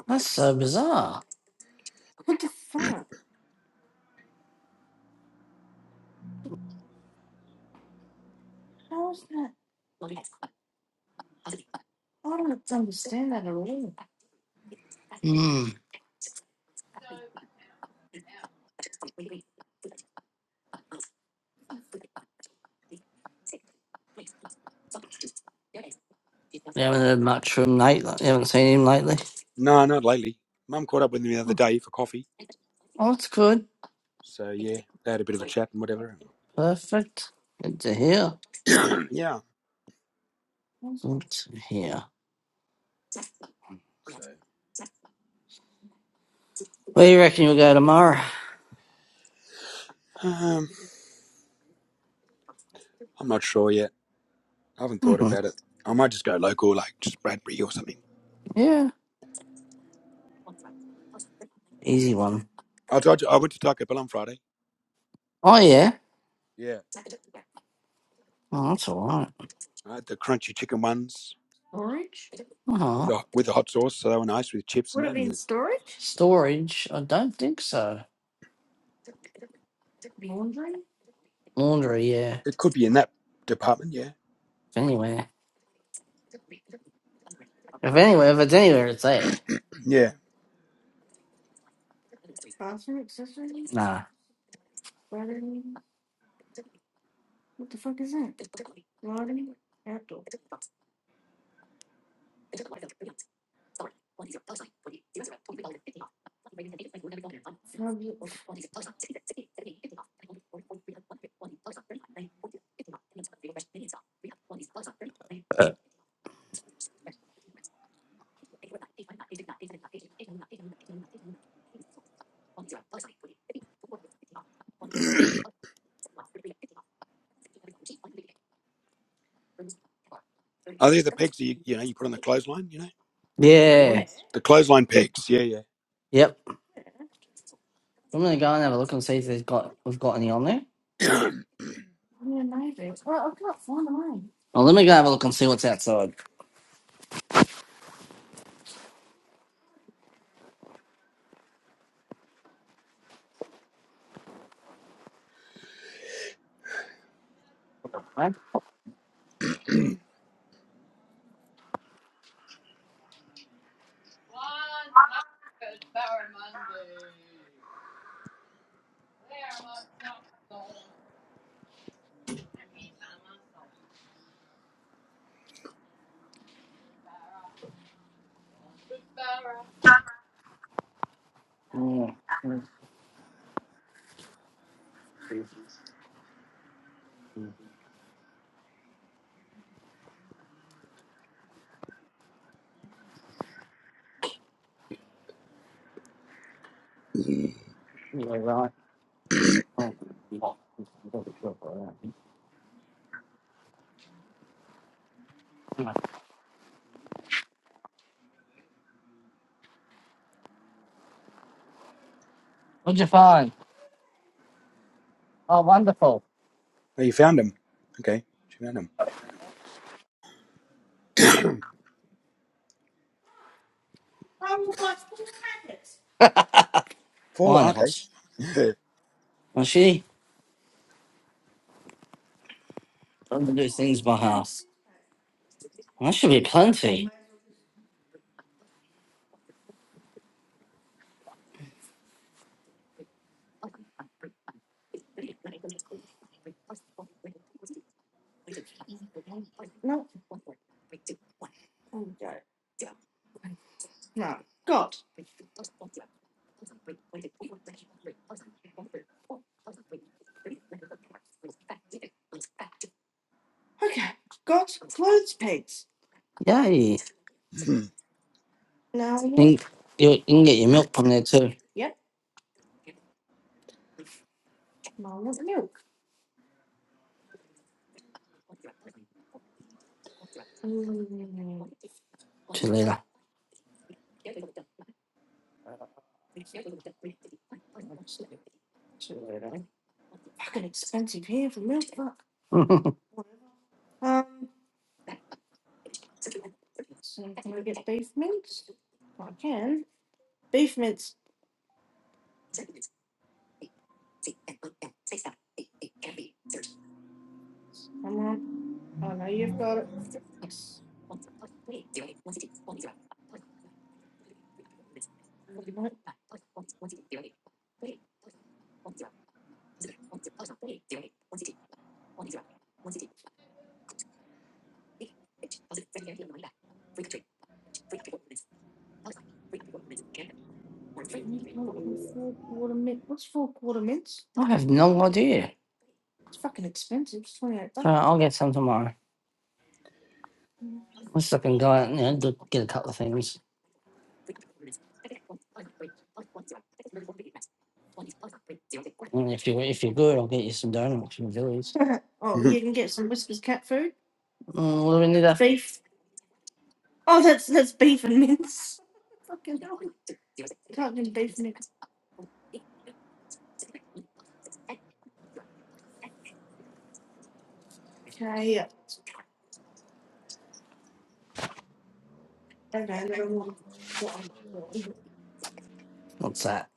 [SPEAKER 2] That's so bizarre. Hmm. You haven't heard much from Nate. li- You haven't seen him lately.
[SPEAKER 1] No, not lately. Mum caught up with me the other
[SPEAKER 2] Hmm.
[SPEAKER 1] day for coffee.
[SPEAKER 2] Oh, that's good.
[SPEAKER 1] So, yeah, they had a bit of a chat and whatever.
[SPEAKER 2] Perfect. Good to hear.
[SPEAKER 1] yeah.
[SPEAKER 2] Good to hear.
[SPEAKER 1] So,
[SPEAKER 2] Where you reckon you'll go tomorrow?
[SPEAKER 1] um, I'm not sure yet. I haven't thought
[SPEAKER 2] hmm
[SPEAKER 1] about it. I might just go local, like just Bradbury or something.
[SPEAKER 2] Yeah. Easy one.
[SPEAKER 1] I told you, I went to Taco Bell on Friday.
[SPEAKER 2] Oh, yeah.
[SPEAKER 1] Yeah.
[SPEAKER 2] Oh, that's all right.
[SPEAKER 1] I had the crunchy chicken ones
[SPEAKER 2] Uh
[SPEAKER 1] with
[SPEAKER 2] huh.
[SPEAKER 1] the, with the hot sauce. So they were nice with chips and that. And
[SPEAKER 2] storage? I don't think so. Laundry, yeah.
[SPEAKER 1] it could be in that department. Yeah.
[SPEAKER 2] If anywhere. If anywhere, if it's anywhere, it's there.
[SPEAKER 1] Yeah.
[SPEAKER 2] Nah.
[SPEAKER 1] Are they the pegs that you, you know you put on the clothesline? You know those
[SPEAKER 2] Yeah.
[SPEAKER 1] ones, the clothesline pegs. Yeah, yeah.
[SPEAKER 2] Yep. I'm gonna go and have a look and see if they've got we've got any on there. Well, let me go have a look and see what's outside. Mm. Yeah, right. Oh. What'd you find? Oh, wonderful.
[SPEAKER 1] oh, you found them. Okay, she found them. Four. ah,
[SPEAKER 2] Wonderful.
[SPEAKER 1] Okay. Yeah,
[SPEAKER 2] Well, she let to do things by house. Well, That should be plenty. Yay. can, you, you can get your milk from there too. Too later. See you later. I have no idea. So Uh, I'll get some tomorrow. Let's look and go out and you know, do- get a couple of things. And if you if you're good, I'll get you some donuts from Billy's.
[SPEAKER 1] Mhm.
[SPEAKER 2] Mm, what do we need? A, what's that?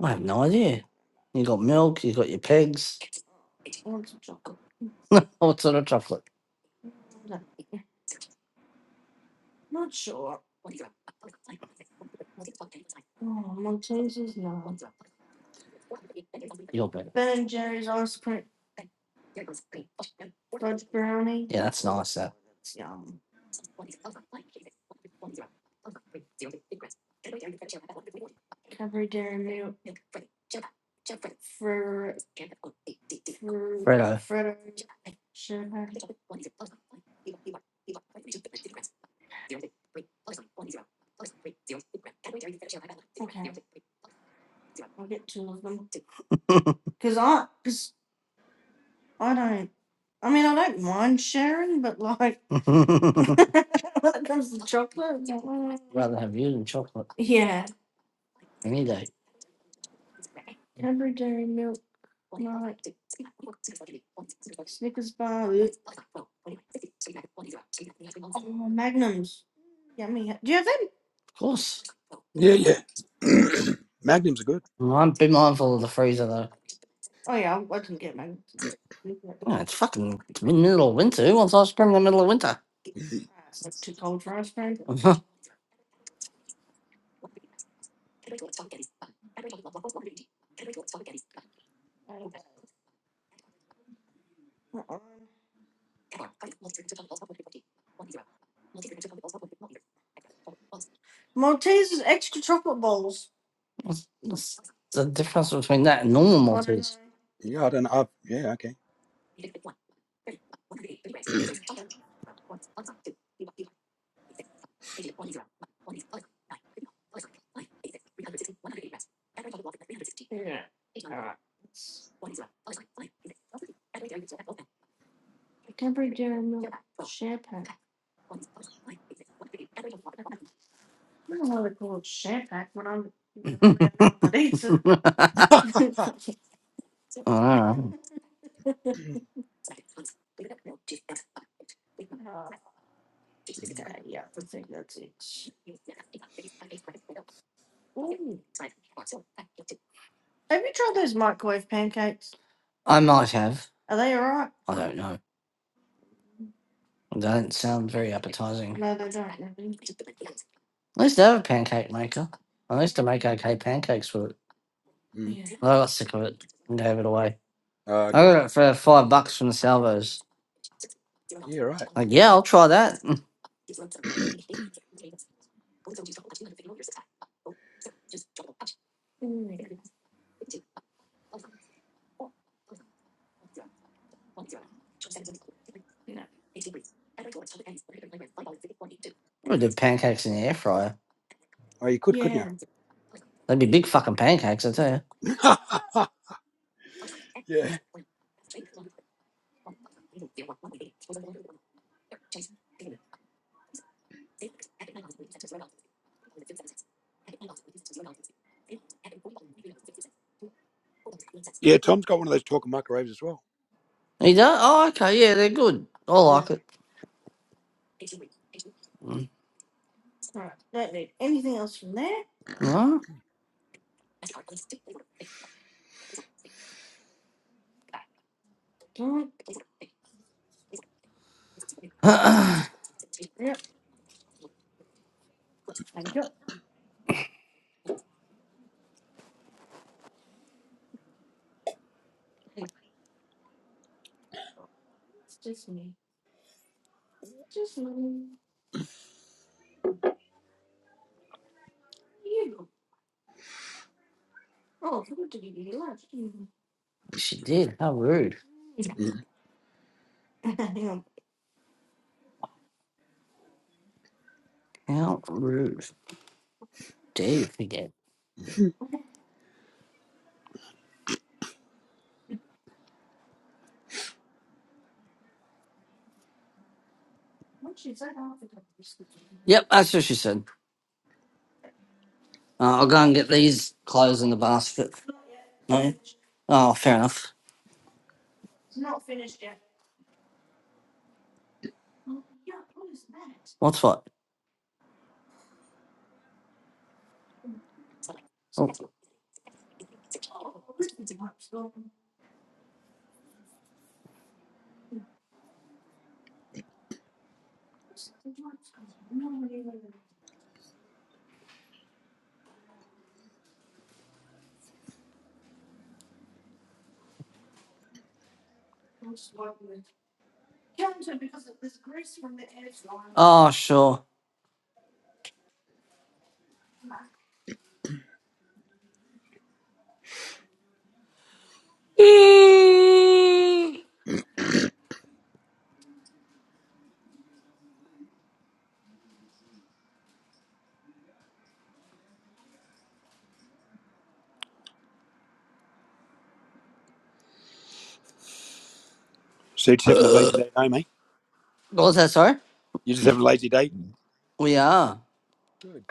[SPEAKER 2] I have no idea. You got milk. You got your pegs. What sort of chocolate? You'll bet. Yeah, that's nice. That Fredo. rather have you than chocolate any day. Of course.
[SPEAKER 1] yeah. yeah. Magnums are good.
[SPEAKER 2] Well, I'm Be mindful of the freezer though. Yeah, it's fucking it's mid- middle of winter. Who wants ice cream in the middle of winter? What's what's the difference between that and normal do Maltese?
[SPEAKER 1] Yeah, I don't know. I've- yeah, okay.
[SPEAKER 2] I don't know. I might have. I don't know. That doesn't sound very appetizing. No, they don't. At least they have a pancake maker. I used to make okay pancakes with it.
[SPEAKER 1] Mm.
[SPEAKER 2] But I got sick of it and gave it away.
[SPEAKER 1] Oh,
[SPEAKER 2] I
[SPEAKER 1] okay.
[SPEAKER 2] got it for five bucks from the salvos.
[SPEAKER 1] Yeah, right.
[SPEAKER 2] Like, yeah, I'll try that. Mm. I'm gonna do pancakes in the air fryer.
[SPEAKER 1] Oh, you could, couldn't you?
[SPEAKER 2] They'd be big fucking pancakes, I tell
[SPEAKER 1] yeah. Yeah, Tom's got one of those talking microwaves as well.
[SPEAKER 2] you. You don't? Oh, okay, yeah, they're good. I
[SPEAKER 1] Yeah.
[SPEAKER 2] like it. Mm. Huh? she did. How rude.
[SPEAKER 1] Mhm.
[SPEAKER 2] How rude. Dare you forget? Yep, that's what she said. Uh, I'll go and get these clothes in the basket. No? Oh, fair enough. What's what? Oh, oh, sure.
[SPEAKER 1] So you're just having a lazy day at home, eh?
[SPEAKER 2] What that, sir?
[SPEAKER 1] You're just having a lazy day?
[SPEAKER 2] We are.
[SPEAKER 1] Good.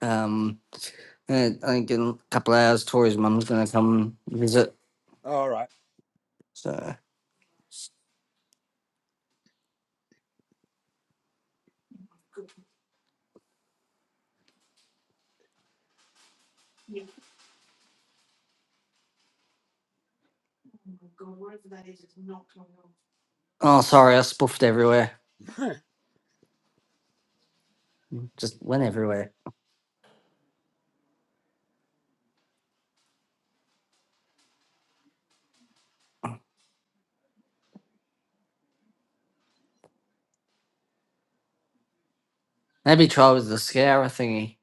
[SPEAKER 2] Um, eh, I think in a couple of hours, Tori's mum's going to come visit.
[SPEAKER 1] All right.
[SPEAKER 2] So, oh, sorry, I spoofed everywhere.
[SPEAKER 1] oh,
[SPEAKER 2] Just went everywhere. Maybe try with the scourer thingy.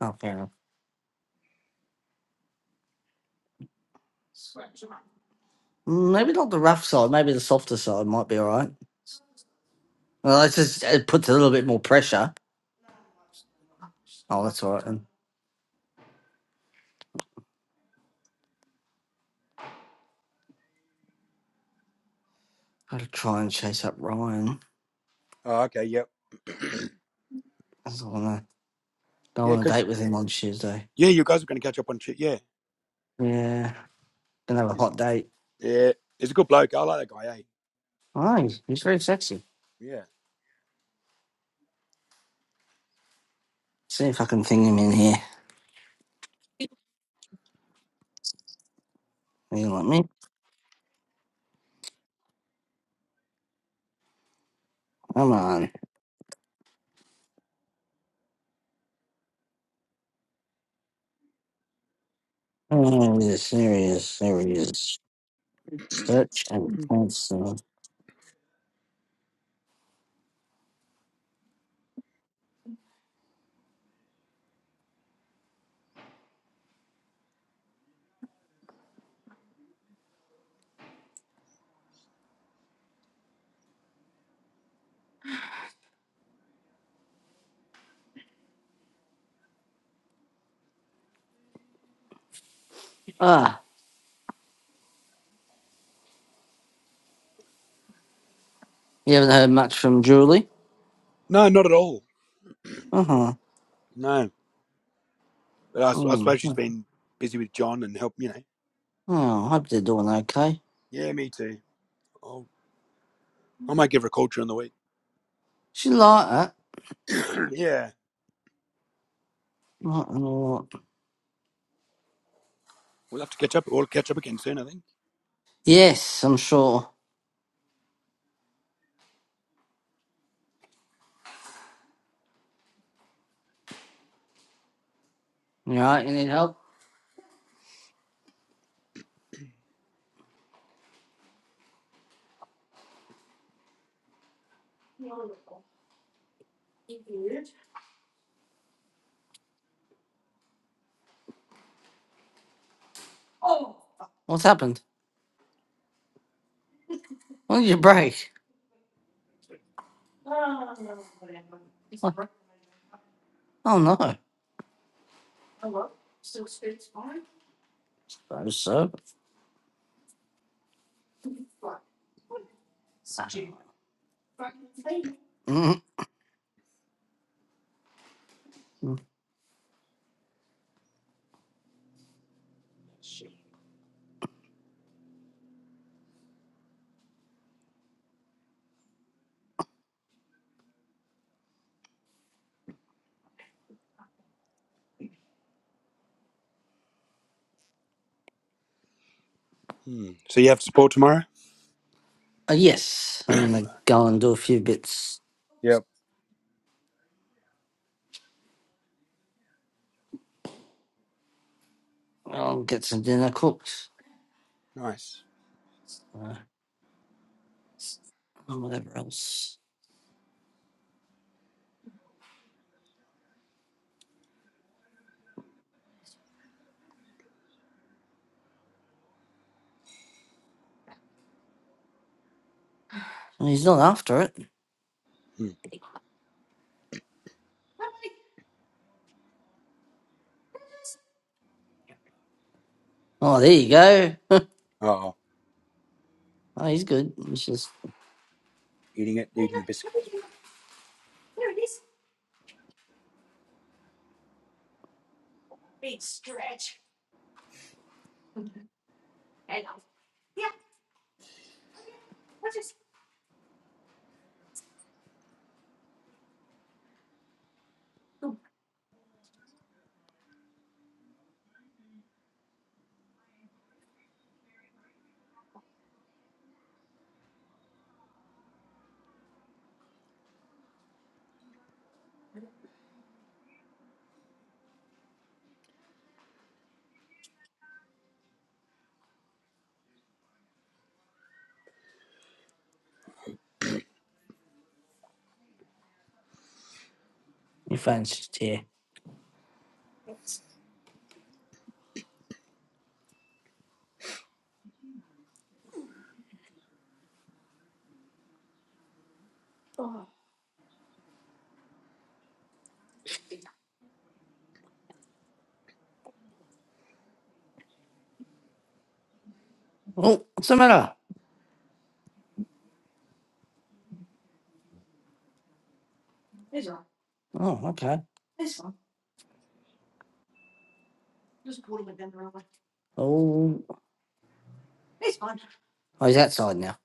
[SPEAKER 2] Oh, fair enough. Mm, Maybe not the rough side. Maybe the softer side might be all right. Well, it's just it puts a little bit more pressure. Oh, that's all right. Then got to try and chase up Ryan.
[SPEAKER 1] okay, yep.
[SPEAKER 2] I don't want to. Don't
[SPEAKER 1] Yeah,
[SPEAKER 2] want to
[SPEAKER 1] because,
[SPEAKER 2] date with him on Tuesday.
[SPEAKER 1] yeah, you guys are going to catch up on shit. Yeah.
[SPEAKER 2] Yeah, gonna have a
[SPEAKER 1] He's,
[SPEAKER 2] hot date.
[SPEAKER 1] yeah, he's a good bloke. I like that guy. Eh?
[SPEAKER 2] Oh, he's he's very sexy.
[SPEAKER 1] Yeah.
[SPEAKER 2] See if I can ping him in here. Will you let me? Come on. Oh, this, there he is. There he is. Search and cancel. Ah, you haven't heard much from Julie?
[SPEAKER 1] No, not at all.
[SPEAKER 2] Uh huh.
[SPEAKER 1] No, but I I
[SPEAKER 2] Mm.
[SPEAKER 1] suppose she's been busy with John and help. You know.
[SPEAKER 2] Oh, I hope they're doing okay.
[SPEAKER 1] Yeah, me too. I'll, I might give her a call during the week.
[SPEAKER 2] She like that.
[SPEAKER 1] yeah,
[SPEAKER 2] Like them a lot.
[SPEAKER 1] we'll have to catch up. We'll catch up again soon, I think.
[SPEAKER 2] Yes, I'm sure. You alright? You need help? What's happened? When did you break? Oh no. Suppose so. Mm. Uh,
[SPEAKER 1] Hmm. So you have support tomorrow?
[SPEAKER 2] yes, I'm gonna go and do a few bits.
[SPEAKER 1] Yep.
[SPEAKER 2] I'll get some dinner cooked.
[SPEAKER 1] Nice.
[SPEAKER 2] Uh, and whatever else. And he's not after it.
[SPEAKER 1] Hmm.
[SPEAKER 2] Oh, there you go.
[SPEAKER 1] Oh,
[SPEAKER 2] oh, he's good. It's just
[SPEAKER 1] eating it, eating the biscuits.
[SPEAKER 2] your phone's just here. Oh, what's the matter? Oh, okay. Oh, oh he's outside now.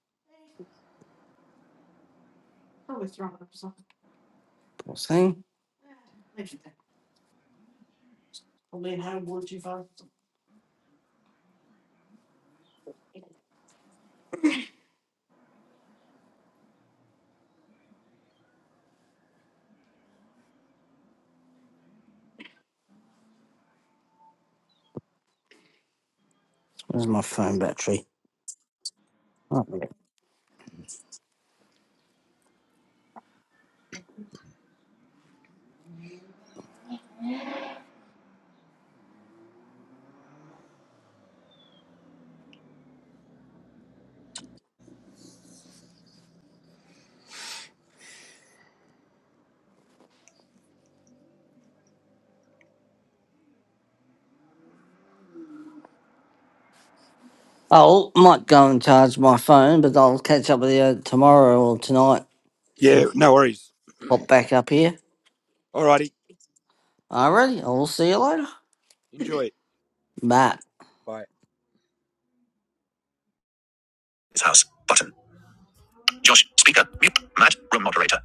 [SPEAKER 2] Poor thing. Where's my phone battery? Oh, yeah. Oh, might go and charge my phone, but I'll catch up with you tomorrow or tonight if you
[SPEAKER 1] Yeah, no worries.
[SPEAKER 2] pop back up here.
[SPEAKER 1] Alrighty,
[SPEAKER 2] Alrighty, I'll see you later.
[SPEAKER 1] enjoy it.
[SPEAKER 2] Bye.
[SPEAKER 1] Bye. His house. Button. Josh. Speaker. Mute. Matt. Room moderator.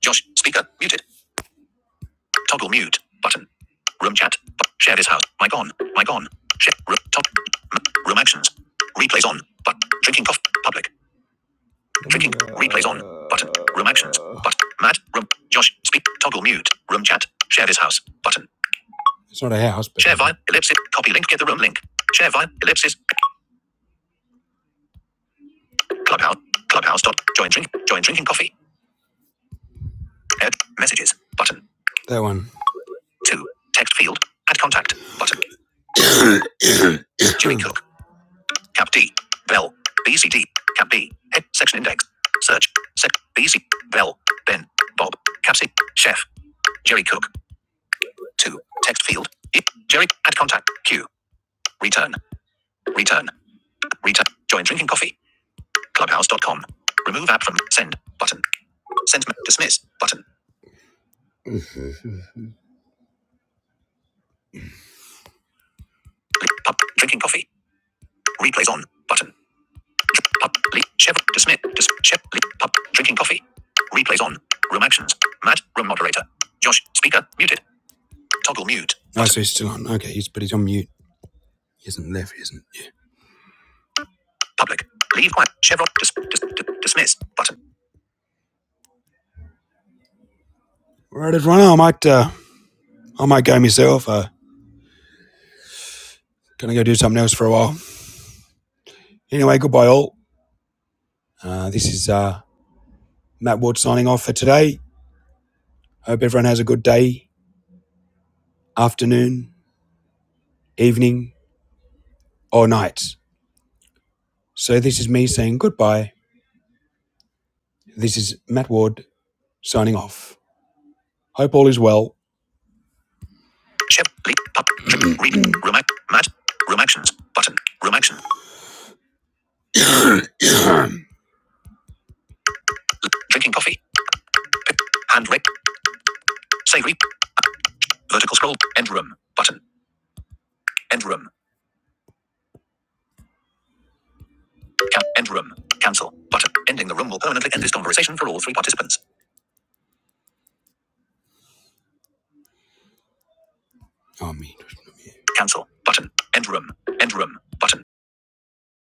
[SPEAKER 1] Josh. Speaker. Muted. Toggle mute button. Room chat. share this house. Mic on. Mic on. Share. Room, top. room actions. Replays on. But drinking coffee. Public. Drinking. Replays on. Button. Room actions. But Matt. Room. Josh. Speak. Toggle mute. Room chat. Share this house. Button. Sort of house. But share via ellipsis. Copy link. Get the room link. Share via ellipsis. Clubhouse. Clubhouse. Dot. Join drink. Join drinking coffee. Add messages. Button. Two. Text field. Add contact. Button. Jimmy Cook. Cap D. Bell. BCD. Cap B. Head. Section index. Search. Sec. BC. Bell. Ben. Bob. Cap C. Chef. Jerry Cook. 2. Text field. I, Jerry. Add contact. Q. Return. Return. Return. Join drinking coffee. Clubhouse dot com Remove app from send button. Send dismiss button. pub drinking coffee. Replays on button. Pub Chef dismiss dis Chef pub drinking coffee. Replays on. Room actions. Matt room moderator. Josh speaker muted. Toggle mute. Oh, so he's still on. Okay, he's but he's on mute. He isn't left. He isn't. Yeah. Public. Leave quiet. Chevron. Dis- dis- dis- dismiss. Button. Right, everyone. I might uh, I might go myself. Uh, gonna go do something else for a while. Anyway, goodbye all. Uh, this is uh, Matt Ward signing off for today. Hope everyone has a good day, afternoon, evening, or night. So this is me saying goodbye. This is Matt Ward signing off. Hope all is well. Chev. Leave. Pub. Chev- read. Room. Act. Mat. Room actions. Button. Room actions. Drinking coffee. Pick. Hand rec. Say re. Vertical scroll. End room. Button. End room. Can- end room. Cancel. Button. Ending the room will permanently end this conversation for all three participants. Amen. Cancel. Button. End room. End room. Button.